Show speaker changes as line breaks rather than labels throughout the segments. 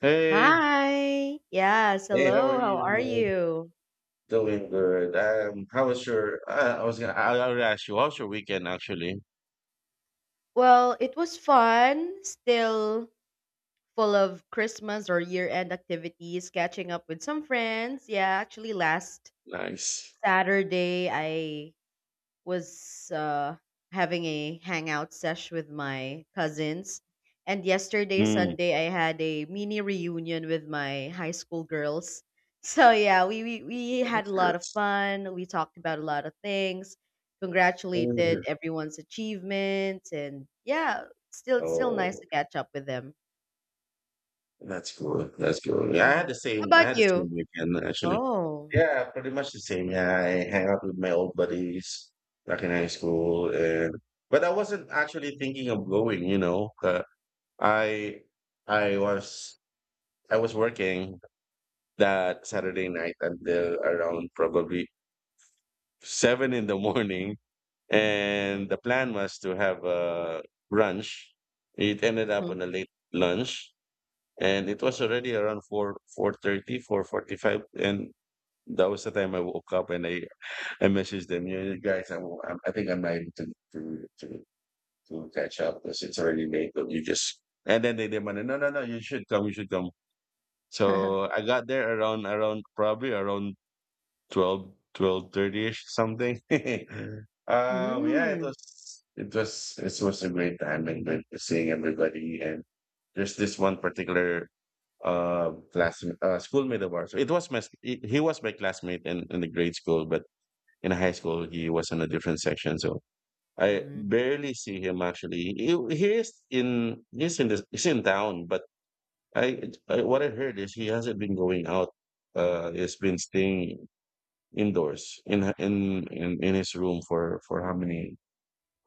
Hey,
Hi. Yes,
Hey, how
hello.
are
How are
you?
you?
Doing good. How was your? I was gonna. I would ask you. How was your weekend? Actually,
Well, it was fun, still full of Christmas or year-end activities, catching up with some friends. Yeah, actually last
nice.
Saturday I was having a hangout sesh with my cousins. And yesterday,
Mm.
Sunday, I had a mini reunion with my high school girls. So yeah, we had a
That's
lot
good.
of fun. We talked about a lot of things, congratulated
Mm.
everyone's achievements, and yeah, still nice
Oh,
to catch up with them.
that's good. That's good. Yeah, I had
Mhm.
the
How
same. I
about
had the
you?
same weekend actually.
Oh.
Yeah, pretty much the same. Yeah, I hang out with my old buddies back in high school, and but I wasn't actually thinking of going. You know, 'cause I I was I was working. That Saturday night until around probably seven in the morning. And the plan was to have a brunch. It ended up
Mhm.
on a late lunch, and it was already around 4 4:30, 4:45. And that was the time I woke up and I messaged them, you guys, I think I'm not able to, to, to, to catch up because it's already late. But you just, and then they demanded, no, no, no, you should come, you should come. So I got there around, around probably around 12, ish something. Yeah, it
Mm.
was it was it was a great time and great seeing everybody. And there's this one particular classmate, schoolmate of ours. So it was my he was my classmate in the grade school, but in high school he was in a different section. So I
Mm.
barely see him actually. He is in he's in this he's in town, but I what I heard is he hasn't been going out. He's been staying indoors in his room for how many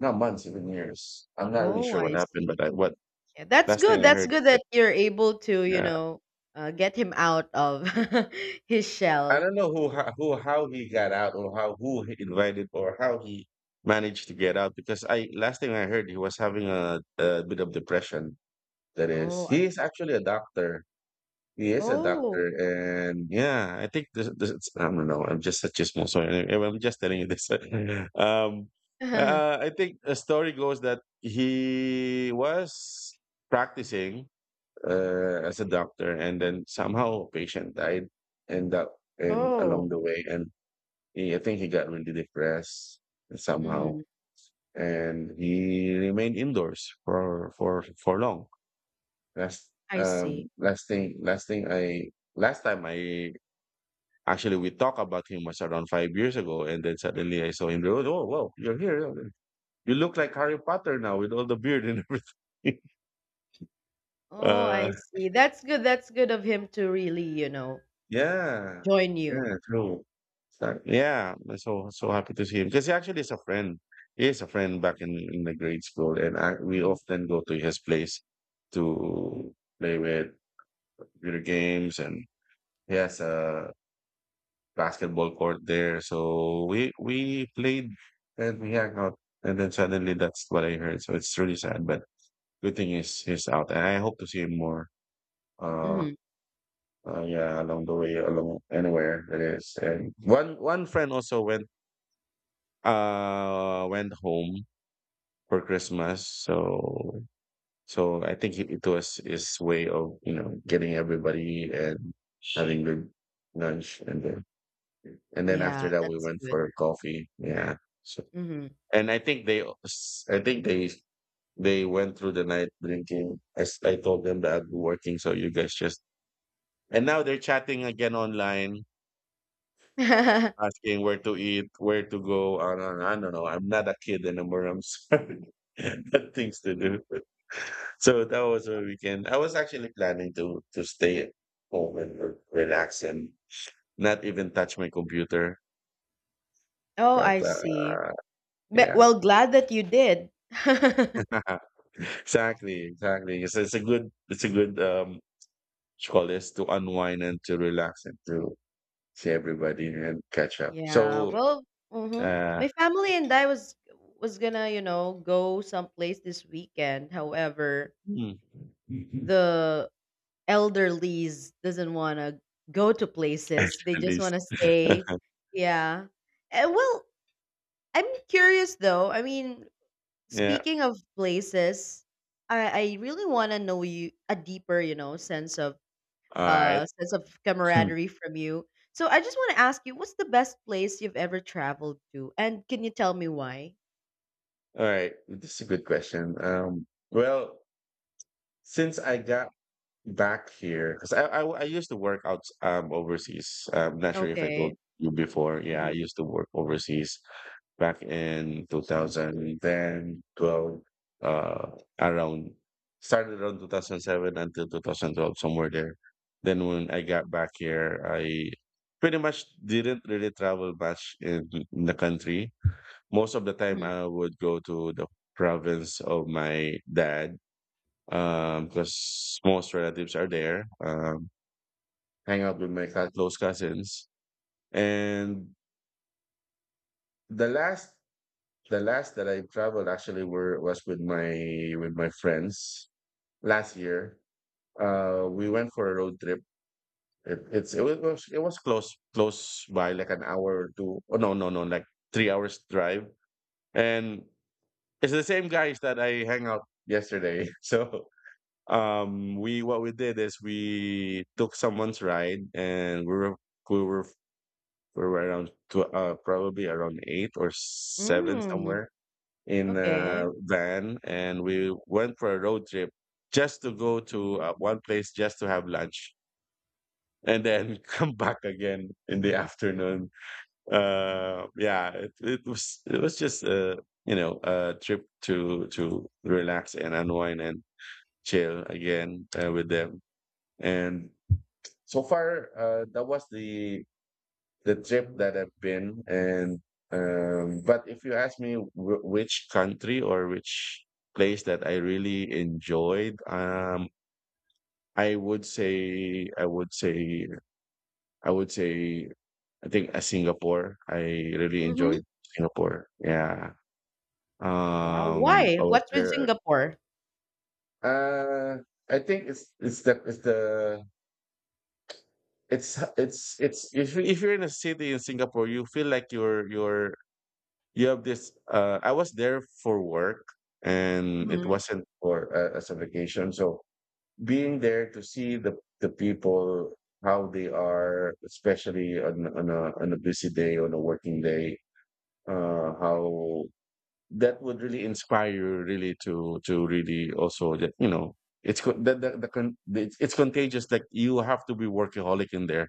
not months even years I'm not really
Oh,
sure what
I
happened
see.
but I, what
Yeah, that's
last thing
good.
I
That's
heard
good that you're able to,
that
you know, get him out of his
I
shell.
don't know who ho- who how he got out or how who he invited or how he managed to get out because I last thing I heard he was having a bit of depression that is
Oh,
he
I,
is actually a doctor. He is a doctor,
oh.
and yeah, I think this it's, I don't know. I'm just such a small story. Anyway, I'm just telling you this. Um, I think a story goes that he was practicing as a doctor, and then somehow a patient died, and that and
Oh.
along the way, and he, I think he got really depressed somehow,
Mm-hmm.
and he remained indoors for long. Last
I see.
last thing I last time I actually we talked about him was around 5 years ago and then suddenly I saw him there. Oh wow, you're here. You look like Harry Potter now with all the beard and everything.
Oh, I
Uh
see. That's good. That's good of him to really, you know,
yeah.
join you.
Yeah, true. So, yeah, I'm so happy to see him. Because he actually is a friend. He is a friend back in the grade school and I, we
Hmm.
often go to his place to play with computer games and he has a basketball court there. So we played and we hung out, and then suddenly that's what I heard. So it's really sad, but good thing is he's out, and I hope to see him more. Uh,
Hmm.
yeah, along the way, along anywhere it is. And one friend also went went home for Christmas, so so I think it was his way of you know getting everybody and having good lunch, and then
Yeah,
after that we
that's
went
good.
for coffee. Yeah. So
Hmm.
and I think think they, they went through the night drinking. As I told them that I'd be working, so you guys just. And now they're chatting again online, asking where to eat, where to go. I don't know. I'm not a kid anymore. I'm sorry. Got things to do. So that was my weekend. I was actually planning to stay at home and relax and not even touch my computer.
Oh, I
But
see. But,
yeah.
well, glad that you did.
Exactly, it's a good scholars to unwind and to relax and to see everybody and catch up.
Yeah,
So,
well, hmm,
uh,
my family and I was gonna, you know, go someplace this weekend. However,
hmm.
the elderlies doesn't wanna go to places. They just
Actually,
wanna stay. Yeah. And well, I'm curious though. I mean,
yeah.
speaking of places, I really wanna know you a deeper, you know, sense of
All
uh,
right.
sense of
Hmm.
camaraderie from you. So I just want to ask you, what's the best place you've ever traveled to, and can you tell me why?
All right. This is a good question. Well, since I got back here, because I used to work out overseas. I'm not sure if I
Okay.
told you before. Yeah, I
Mhm.
used to work overseas. Back in 2010, 12, uh, around, started around 2007 until 2012, somewhere there. Then when I got back here, I pretty much didn't really travel much in, the country. Most of the time,
Mhm.
I would go to the province of my dad because most relatives are there, hang out with my close cousins. And the last the last that I traveled actually were was with my friends last year. We went for a road trip. It was close close by like an hour or two. Oh no no no like 3 hours drive. And it's the same guys that I hang out yesterday. So we what we did is we took someone's ride and we were we were around probably around eight or seven
Mm.
somewhere in
Okay.
a van and we went for a road trip just to go to one place just to have lunch and then come back again in the afternoon yeah it was just a you know a trip to relax and unwind and chill again with them and so far that was the trip that I've been and but if you ask me which country or which place that I really enjoyed I would say I would say I would say I think Singapore I really
Mhm.
enjoyed. Singapore yeah.
Wow.
um
Why?
I was
What's with
there
Singapore?
uh I think it's the it's the it's if you- if you're in a city in Singapore you feel like you're you have this I was there for work and it
Mhm.
wasn't for as a vacation so being there to see the people how they are especially on a busy day on a working day how that would really inspire you really to really also that you know it's co- the con- it's contagious like you have to be workaholic in there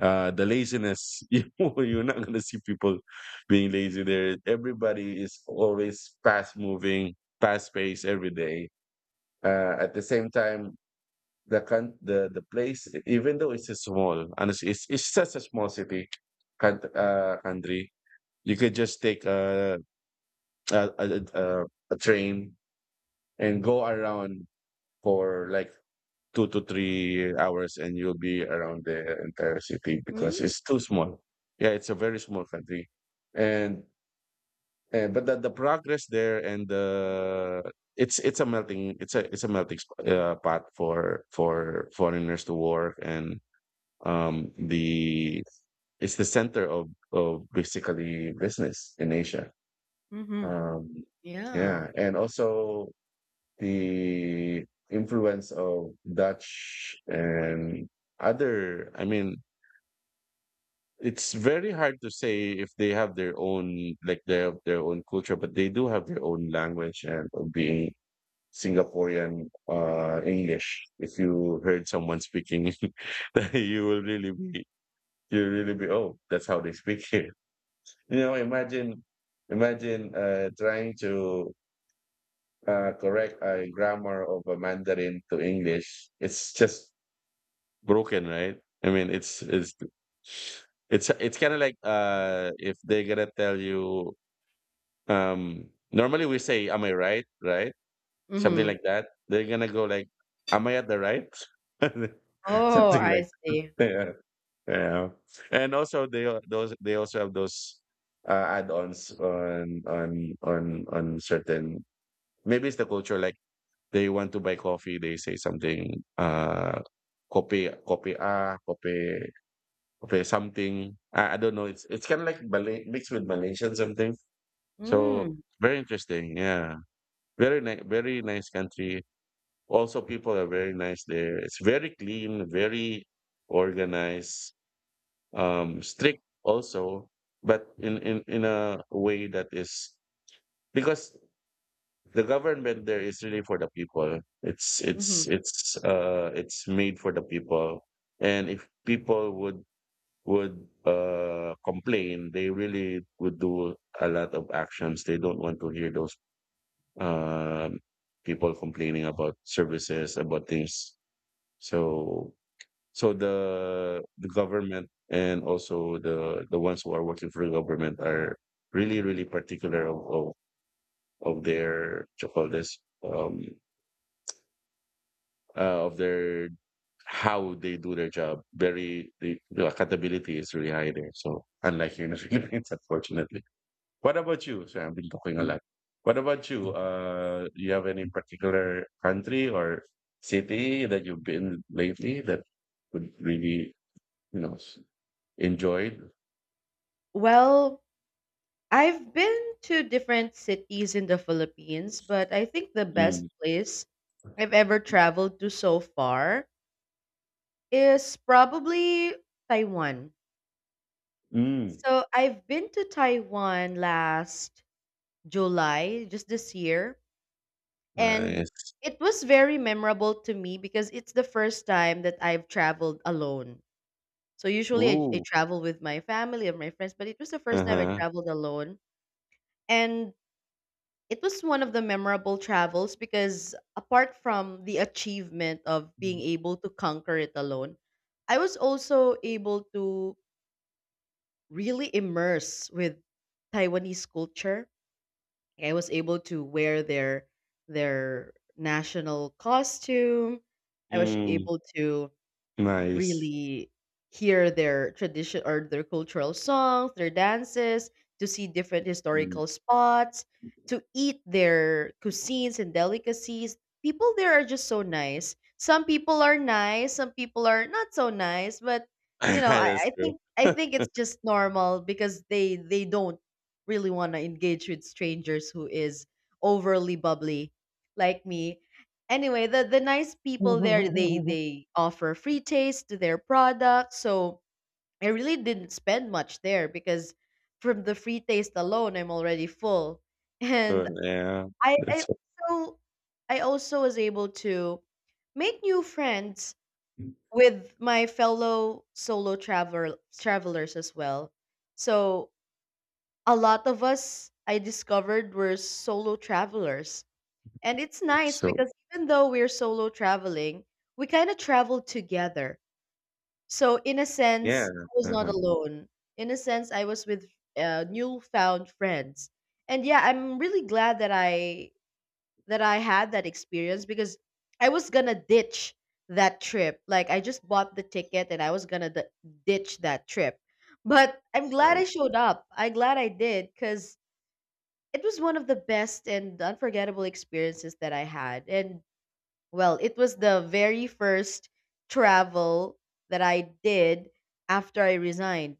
the laziness. You're not going to see people being lazy there. Everybody is always fast moving, fast paced every day. At the same time, the place, even though it's a small, honestly, it's such a small city, country. You could just take a, a a a train and go around for like 2 to 3 hours and you'll be around the entire city because
Mm.
it's too small. Yeah, it's a very small country, and and but the progress there and the it's a melting pot for foreigners to work and the it's the center of basically business in Asia.
Mhm.
Um,
Yeah.
yeah, and also the influence of Dutch and other, I mean, it's very hard to say if they have their own, like they have their own culture, but they do have their own language and of being Singaporean English. If you heard someone speaking, that you will really be, you really be, oh, that's how they speak here. You know, imagine, imagine trying to correct a grammar of a Mandarin to English, it's just broken, right? I mean, it's kind of like if they're gonna tell you, normally we say, "Am I right?" Right? Something
Mhm.
like that. They're gonna go like, "Am I at the right?"
Oh,
Something
I
like
see.
that. Yeah. And also they also have those add-ons on certain. Maybe it's the culture, like they want to buy coffee, they say something, uh, kopi kopi ah, kopi something. I don't know. It's kind of like Malay mixed with Malaysian something. So
Mm.
very interesting. Yeah, very nice country. Also, people are very nice there. It's very clean, very organized, strict also, but in a way that is because the government there is really for the people.
Mhm.
It's made for the people. And if people would complain, they really would do a lot of actions. They don't want to hear those um people complaining about services, about things. So so the government and also the ones who are working for the government are really, really particular of their what you call this um of their how they do their job. Very the accountability is really high there. So unlike here in the Philippines, unfortunately. What about you? So I've been talking a lot. What about you? You have any particular country or city that you've been lately that would really you know s- enjoyed?
Well, I've been to different cities in the Philippines, but I think the best
Mm.
place I've ever traveled to so far is probably Taiwan.
Mm.
So I've been to Taiwan last July, just this year, and
Nice.
it was very memorable to me because it's the first time that I've traveled alone. So usually I
Ooh.
travel with my family or my friends, but it was the
Uh
first time I
huh.
traveled alone. And it was one of the memorable travels because apart from the achievement of being able to conquer it alone, I was also able to really immersed with Taiwanese culture. I was able to wear their national costume. I was
Mm.
able to
Nice.
really hear their tradition or their cultural songs, their dances, to see different
Mm.
historical spots, to eat their cuisines and delicacies. People there are just so nice. Some people are nice, some people are not so nice, but you know, I,
That's
I
true.
think I think it's just normal because they don't really want to engage with strangers who is overly bubbly like me. Anyway, the nice people there, they they offer free taste to their products. So I really didn't spend much there because from the free taste alone, I'm already full. And
Good, yeah.
I I
That's so
also I also was able to make new friends with my fellow solo travelers as well. So a lot of us I discovered were solo travelers. And it's
that's
nice
so
because even though we're solo traveling, we kind of travel together. So in a
yeah,
sense, I was not
uh-huh,
alone. In a sense, I was with newfound friends. And yeah, I'm really glad that I had that experience because I was gonna ditch that trip. Like I just bought the ticket and I was gonna ditch that trip. But I'm glad I
nice.
showed up. I'm glad I did because it was one of the best and unforgettable experiences that I had. And well, it was the very first travel that I did after I resigned.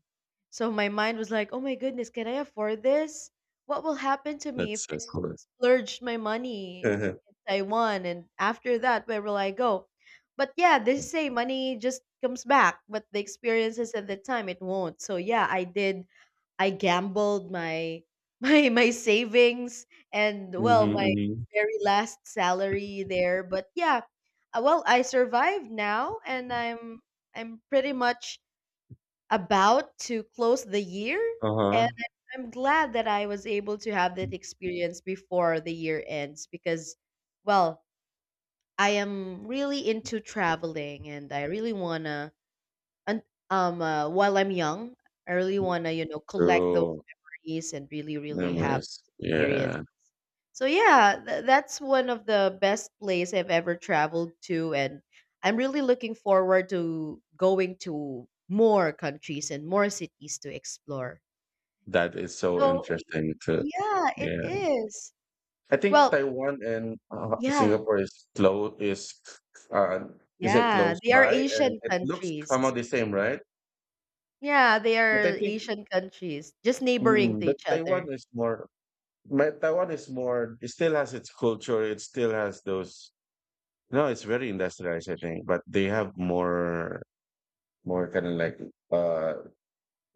So my mind was like, oh my goodness, can I afford this? What will happen to me if
That's so
I
cool.
splurged my money in Taiwan? And after that, where will I go? But yeah, they say money just comes back, but the experiences at the time, it won't. So yeah, I gambled my my savings and well
Mhm,
my
mhm.
very last salary there. But yeah, well, I survived now and I'm pretty much about to close the year and
Uh-huh.
I'm glad that I was able to have that experience before the year ends because, well, I am really into traveling and I really wanna, and while I'm young, I really want to, you know, collect those
True.
memories and really really have
Memories.
this experience.
Yeah.
So yeah, that's one of the best place I've ever traveled to, and I'm really looking forward to going to more countries and more cities to explore.
That is so
So
interesting too.
yeah, it
Yeah.
is.
I think
Well,
Taiwan and,
yeah,
Singapore is uh, is it
yeah,
close
they are
by? And
Asian
it looks somehow
countries.
the same, right?
Yeah, they
But I
are
think
Asian countries, just neighboring
mm,
to
but
each other.
Taiwan is more but Taiwan is more, it still has its culture, it still has those— no, it's very industrialized, I think, but they have more, more kind of uh,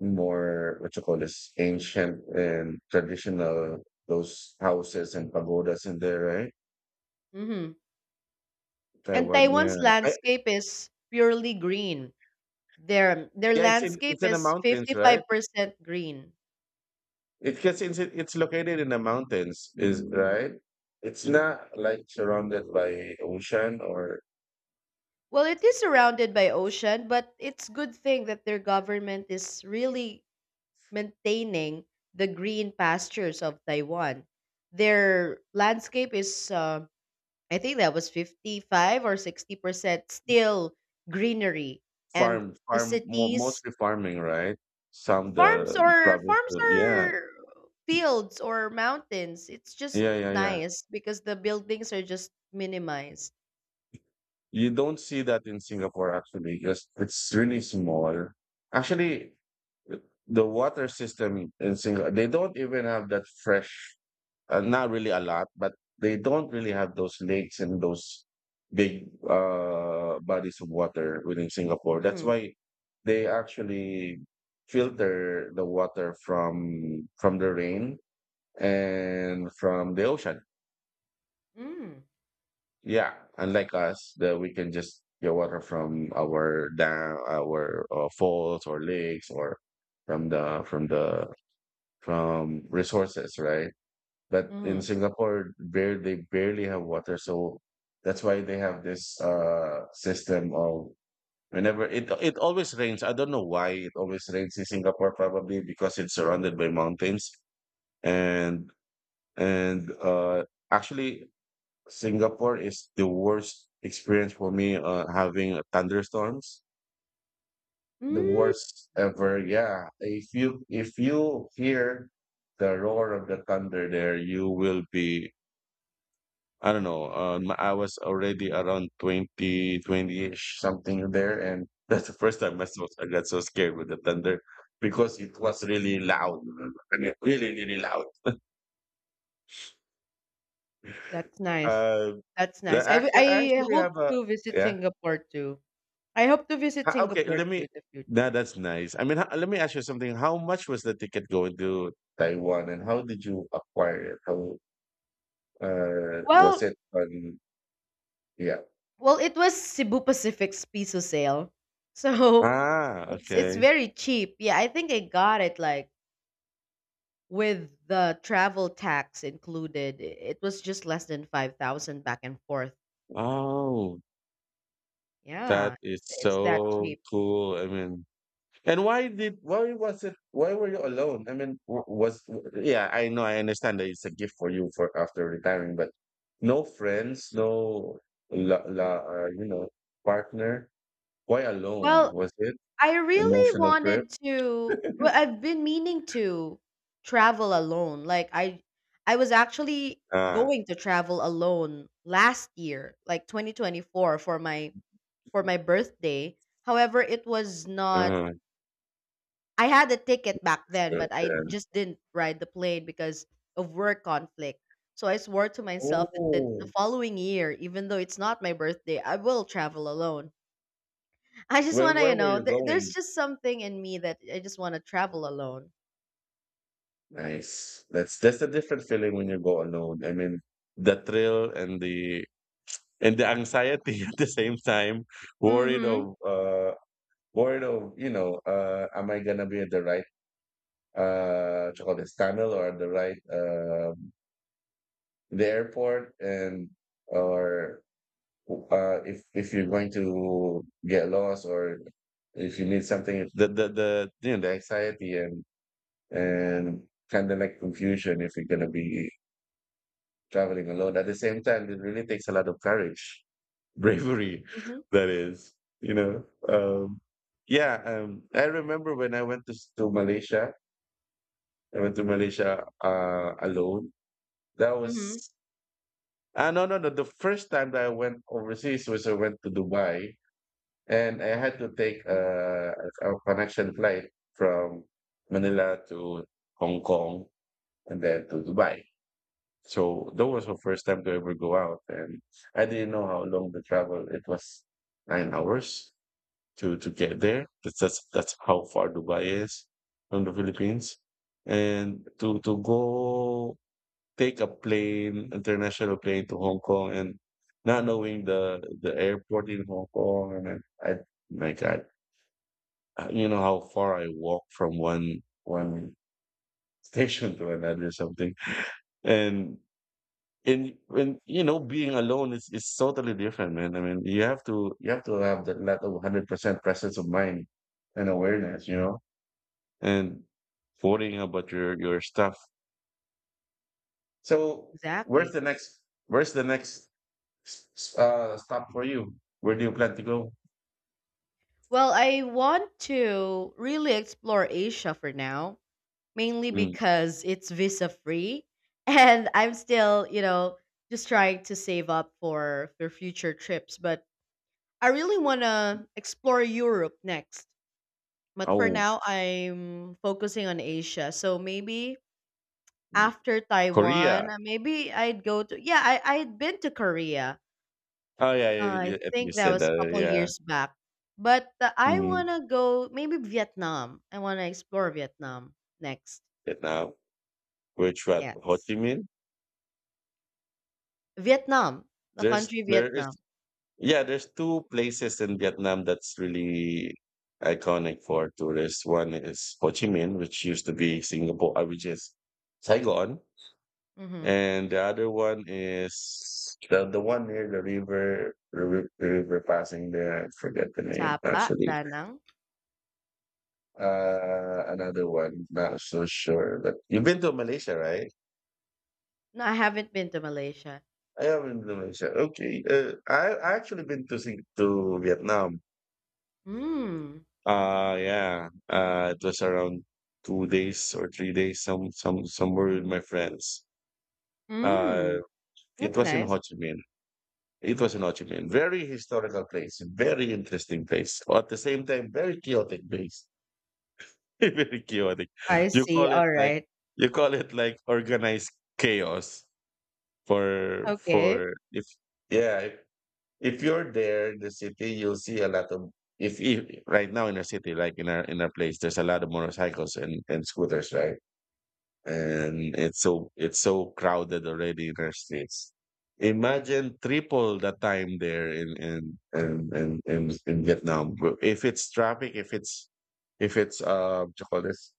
more what you call this ancient and traditional, those houses and pagodas in there, right?
Hmm. And
Taiwan, yeah,
Taiwan's
I,
landscape is purely green. Their
yeah, it's in
landscape
the
is
mountains, right?
55% green.
It gets It's located in the mountains, is right? It's not like surrounded by ocean or
Well, it is surrounded by ocean, but it's good thing that their government is really maintaining the green pastures of Taiwan. Their landscape is I think that was 55 or 60% still greenery, and the cities,
mostly farming, right? Some
Farms
the
or farms
yeah,
or fields or mountains. It's just
yeah.
nice because the buildings are just minimized.
You don't see that in Singapore actually because it's really small. Actually, the water system in Singapore, they don't even have that fresh, not really a lot, but they don't really have those lakes and those big bodies of water within Singapore. That's
Mm-hmm.
why they actually filter the water from the rain and from the ocean.
Mm.
Yeah, unlike us, that we can just get water from our dam, our falls or lakes or from the from the from resources, right? But in
Mm-hmm.
Singapore, bare they barely have water, so that's why they have this system of whenever it always rains. I don't know why it always rains in Singapore, probably because it's surrounded by mountains and and uh actually Singapore is the worst experience for me having thunderstorms. The
Mm.
worst ever. Yeah. If you hear the roar of the thunder there, you will be— I don't know. I was already around 20-20-ish something there. And that's the first time I got so scared with the thunder because it was really loud. I mean, really, really loud.
That's nice.
Uh,
That's nice.
actually, I
I
actually
hope
have a,
to visit
yeah.
Singapore too. I hope to visit
Okay,
Singapore
let
too
me.
in the
Nah,
future.
that's nice. I mean, let me ask you something. How much was the ticket going to Taiwan, and how did you acquire it? How Was
Well,
it on? Yeah.
it was Cebu Pacific's piso sale, so
Ah,
it's
okay.
very cheap. Yeah, I think I got it like, with the travel tax included, it was just less than 5,000 back and forth.
Oh, that
Yeah,
is
it's that
so
cheap.
cool. I mean, and why did why was it? Why were you alone? I mean, w- was yeah. I know. I understand that it's a gift for you for after retiring, but no friends, no la, la, you know, partner. Why alone?
Well,
Was it?
I really
Emotional trip?
wanted to, well, I've been meaning to travel alone. Like I was actually
Ah,
going to travel alone last year, like 2024 for my birthday. However, it was not.
ah,
I had a ticket back then,
sure.
but I
Yeah.
just didn't ride the plane because of work conflict. So I swore to myself that the
Oh,
following year, even though it's not my birthday, I will travel alone. I just want
where
to, you
were
know,
you
there, there's
going?
just something in me that I just want to travel alone.
Nice. That's a different feeling when you go alone. I mean, the thrill and the anxiety at the same time, worried
Mm-hmm.
of uh worried of, you know, am I gonna be at the right what tunnel or at the right the airport, and or if you're going to get lost or if you need something, the you know, the anxiety and and kind of like confusion if you're gonna be traveling alone. At the same time, it really takes a lot of courage, bravery.
Mm-hmm.
That is, you know, yeah. I remember when I went to Malaysia. I went to Malaysia alone. That
Mm-hmm.
was— ah, no. The first time that I went overseas was I went to Dubai, and I had to take a connection flight from Manila to Hong Kong and then to Dubai. So that was my first time to ever go out, and I didn't know how long the travel. It was 9 hours to get there. That's how far Dubai is from the Philippines, and to go take a plane, international plane, to Hong Kong, and not knowing the airport in Hong Kong, and I— my God, you know how far I walk from one station to another or something. And and you know, being alone is totally different, man. I mean, you have to have that level of 100% presence of mind and awareness, you know, and worrying about your stuff. So where's
Exactly.
the next where's the next stop for you? Where do you plan to go?
Well, I want to really explore Asia for now, mainly
Mm.
because it's visa free and I'm still, you know, just trying to save up for future trips, but I really want to explore Europe next. But for
Oh,
now, I'm focusing on Asia. So maybe after Taiwan,
Korea.
maybe I'd go to... Yeah, I'd been to Korea.
Oh, yeah,
I
I think you
think that
said
was a
that.
couple
Yeah,
years back. But I
mm.
want to go maybe Vietnam. I want to explore Vietnam next.
Vietnam. Which what? Ho
Yes.
Chi Minh?
Vietnam, the
There's
country
there is
Vietnam.
yeah, there's two places in Vietnam that's really iconic for tourists. One is Ho Chi Minh, which used to be Singapore, which is Saigon,
Mhm.
and the other one is the one near the river, the river passing there. I forget the name
Sapa,
actually.
Danang.
Another one. Not so sure. But you've been to Malaysia, right?
No, I haven't been to Malaysia.
I have been to Malaysia. Okay. I actually been to Vietnam.
Hmm.
Yeah. Uh, it was around 2 days or 3 days, somewhere with my friends. Uh
Hmm.
it
That's
was in
nice.
Ho Chi Minh. It was in Ho Chi Minh. Very historical place, very interesting place. At the same time, very chaotic place. Very chaotic.
I
You
see.
call it
All
like
right.
you call it like organized chaos
Okay.
for if yeah. If you're there in the city, you'll see a lot of— if right now in our city, like in our place, there's a lot of motorcycles and, scooters, right? And it's so crowded already in our streets. Imagine triple the time there in Vietnam. But if it's traffic, if it's what you call this,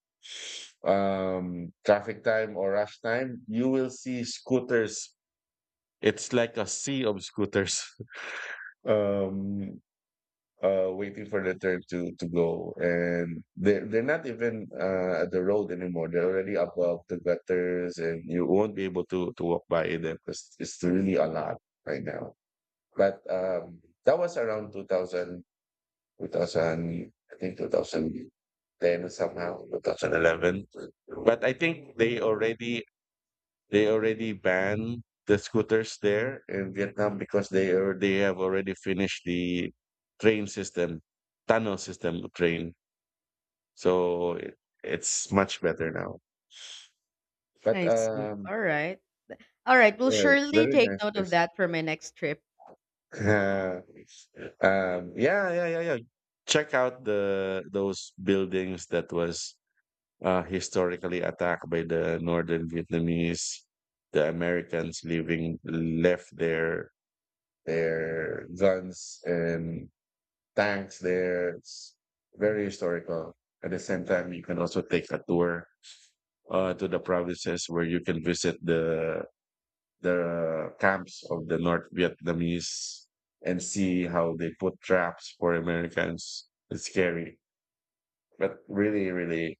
traffic time or rush time, you will see scooters. It's like a sea of scooters. Um Waiting for the turn to go, and they're not even at the road anymore, they're already above the gutters and you won't be able to walk by them because it's really a lot right now. But That was around 2000, 2000, I think 2010 somehow, 2011. But I think they already— banned the scooters there in Vietnam because they have already finished the train system, tunnel system of train. So it, it's much better now. But
I see. All right. All right. We'll
yeah,
surely
very
take
nice
note of
place.
that for my next trip.
Uh, yeah, yeah. Check out the those buildings that was historically attacked by the Northern Vietnamese. The Americans living left there their guns and tanks there. It's very historical. At the same time, you can also take a tour to the provinces where you can visit the camps of the North Vietnamese and see how they put traps for Americans. It's scary, but really, really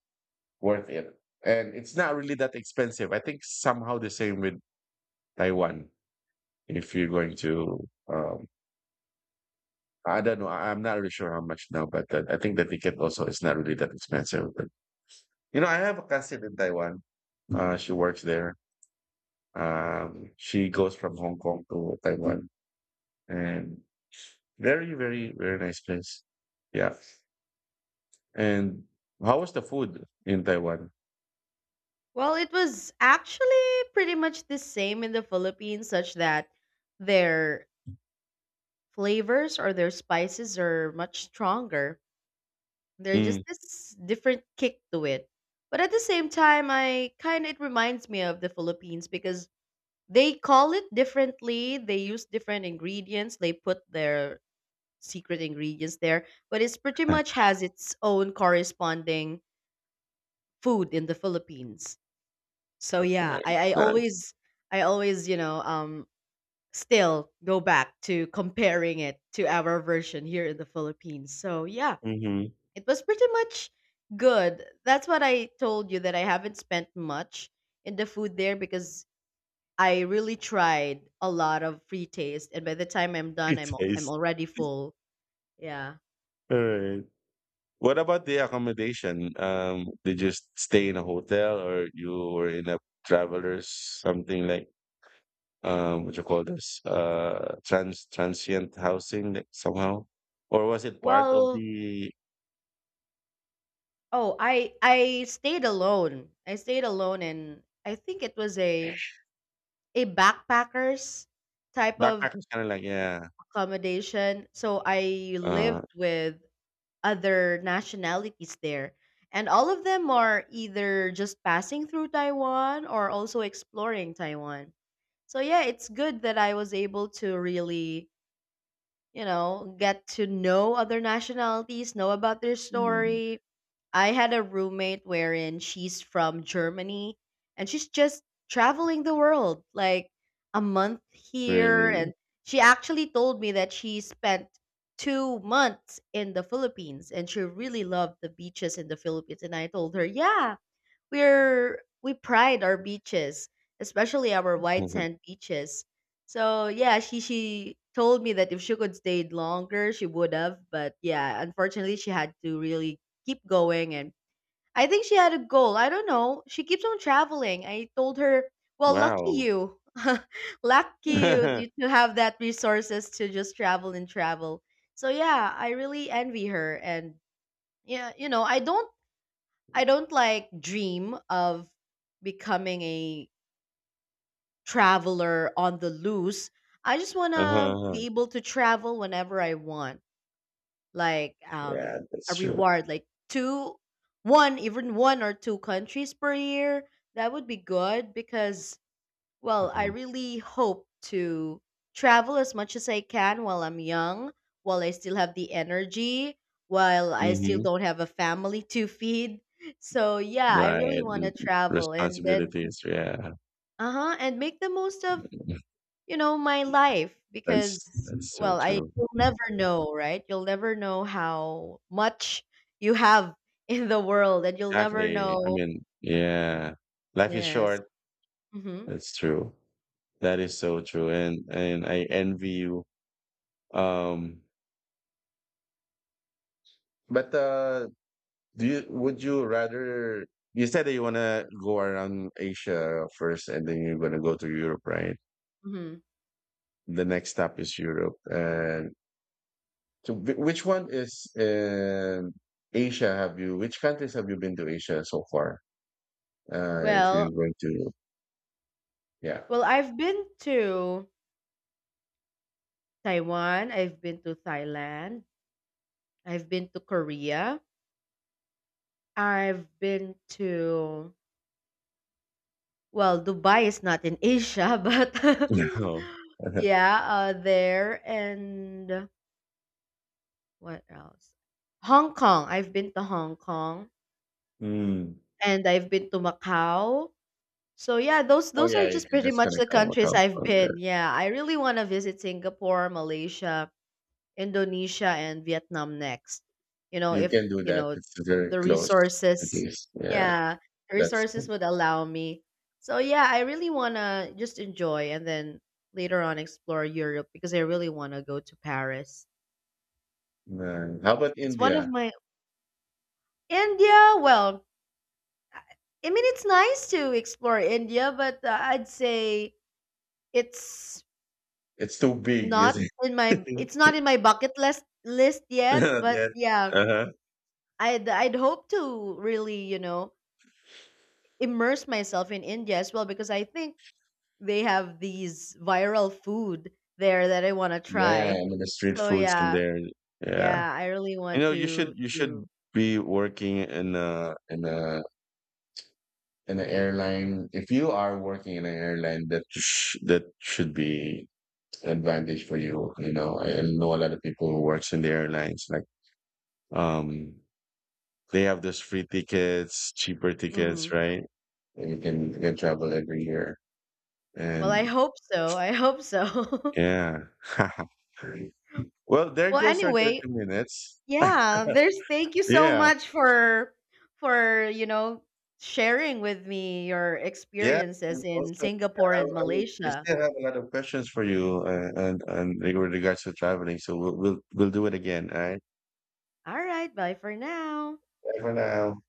worth it. And it's not really that expensive. I think somehow the same with Taiwan if you're going to um, I don't know. I'm not really sure how much now, but I think the ticket also is not really that expensive. But you know, I have a cousin in Taiwan. She works there. She goes from Hong Kong to Taiwan, and very, very, very nice place. Yeah. And how was the food in Taiwan?
Well, it was actually pretty much the same in the Philippines, such that their flavors or their spices are much stronger. There's just
Mm.
this different kick to it. But at the same time, I kind of it reminds me of the Philippines because they call it differently. They use different ingredients. They put their secret ingredients there, but it's pretty much has its own corresponding food in the Philippines. So yeah,
Nice, nice.
I always, you know, still go back to comparing it to our version here in the Philippines. So yeah,
Mm-hmm.
it was pretty much good. That's what I told you that I haven't spent much in the food there because I really tried a lot of free taste and by the time I'm done
It
I'm
tastes
already full. Yeah.
all right. What about the accommodation? Did you stay in a hotel or you were in a travelers something like? What you call this, transient housing like, somehow, or was it part of
Well,
the
oh, I stayed alone. I stayed alone and I think it was a backpackers type of
backpackers? Kind of like yeah,
accommodation. So I
uh,
lived with other nationalities there. And all of them are either just passing through Taiwan or also exploring Taiwan. So yeah, it's good that I was able to really, you know, get to know other nationalities, know about their
mm,
story. I had a roommate wherein she's from Germany and she's just traveling the world, like a month here.
really,
And she actually told me that she spent 2 months in the Philippines and she really loved the beaches in the Philippines. And I told her, yeah, we're we pride our beaches, especially our white sand beaches. So yeah, she told me that if she could stayed longer, she would have. But yeah, unfortunately, she had to really keep going, and I think she had a goal. I don't know. She keeps on traveling. I told her, well, lucky
wow,
you. Lucky you to have that resources to just travel and travel. So yeah, I really envy her. And yeah, you know, I don't, I don't like dream of becoming a traveler on the loose. I just want to
uh-huh,
be able to travel whenever I want, like
yeah, that's
a
true.
reward, like one, even one or two countries per year. That would be good because, well, I
Mm-hmm.
really hope to travel as much as I can while I'm young, while I still have the energy, while I still don't have a family to feed. So yeah, I really
Right,
want to
L-
travel and then,
responsibilities. Yeah,
uh-huh, and make the most of, you know, my life because,
that's so
well, I,
true.
you'll never know, right? You'll never know how much you have in the world and you'll never
Exactly. I
know.
mean, yeah, life is
Yes.
short.
Mhm.
That's true. That is so true. And I envy you. Um, But do you— would you rather? You said that you want to go around Asia first, and then you're going to go to Europe, right?
Mhm.
The next stop is Europe. And so, which one is in Asia? Have you? Which countries have you been to Asia so far? If you're
Well,
going to, yeah.
I've been to Taiwan, I've been to Thailand, I've been to Korea, I've been to, well, Dubai is not in Asia, but
No.
yeah, there and what else? Hong Kong. I've been to Hong Kong
Hmm.
and I've been to Macau. So yeah,
Oh
those are
yeah, you
just
can
pretty
just
much
gonna
the countries
come
I've
on
been.
there.
Yeah, I really want to visit Singapore, Malaysia, Indonesia and Vietnam next. You know,
You
if,
can do
you
that.
know,
It's very
the
close. It
resources,
is. Yeah,
yeah, the
that's—
resources would allow me. So yeah, I really want to just enjoy and then later on explore Europe because I really want to go to Paris.
uh, how about
It's one of
India?
my... India, well, I I mean it's nice to explore India, but I'd say it's
It's too big,
not
is
in my,
it?
it's not in my bucket list yet, but
Yeah.
yeah,
Uh-huh.
I'd hope to really, you know, immerse myself in India as well because I think they have these viral food there that I want to
Yeah,
try.
I mean the street
So
food's in
yeah,
there. Yeah.
yeah, I really
You
want
know,
to
you
to.
should be working in a airline. If you are working in an airline, that should be an advantage for you. You know, I know a lot of people who works in the airlines, um they have those free tickets, cheaper tickets,
Mhm.
right? And you can travel every year.
Well, I
And
hope so. I hope so.
yeah. Well, there
Well,
goes our
anyway,
30 minutes.
yeah. There's thank you so
Yeah.
much for, you know, sharing with me your
Yeah.
experiences
And
in
also,
Singapore
yeah,
and
I would, I
Malaysia.
still have a lot of questions for you and with regards to traveling. So we'll do it again. All right.
All right, bye for now.
Bye for now.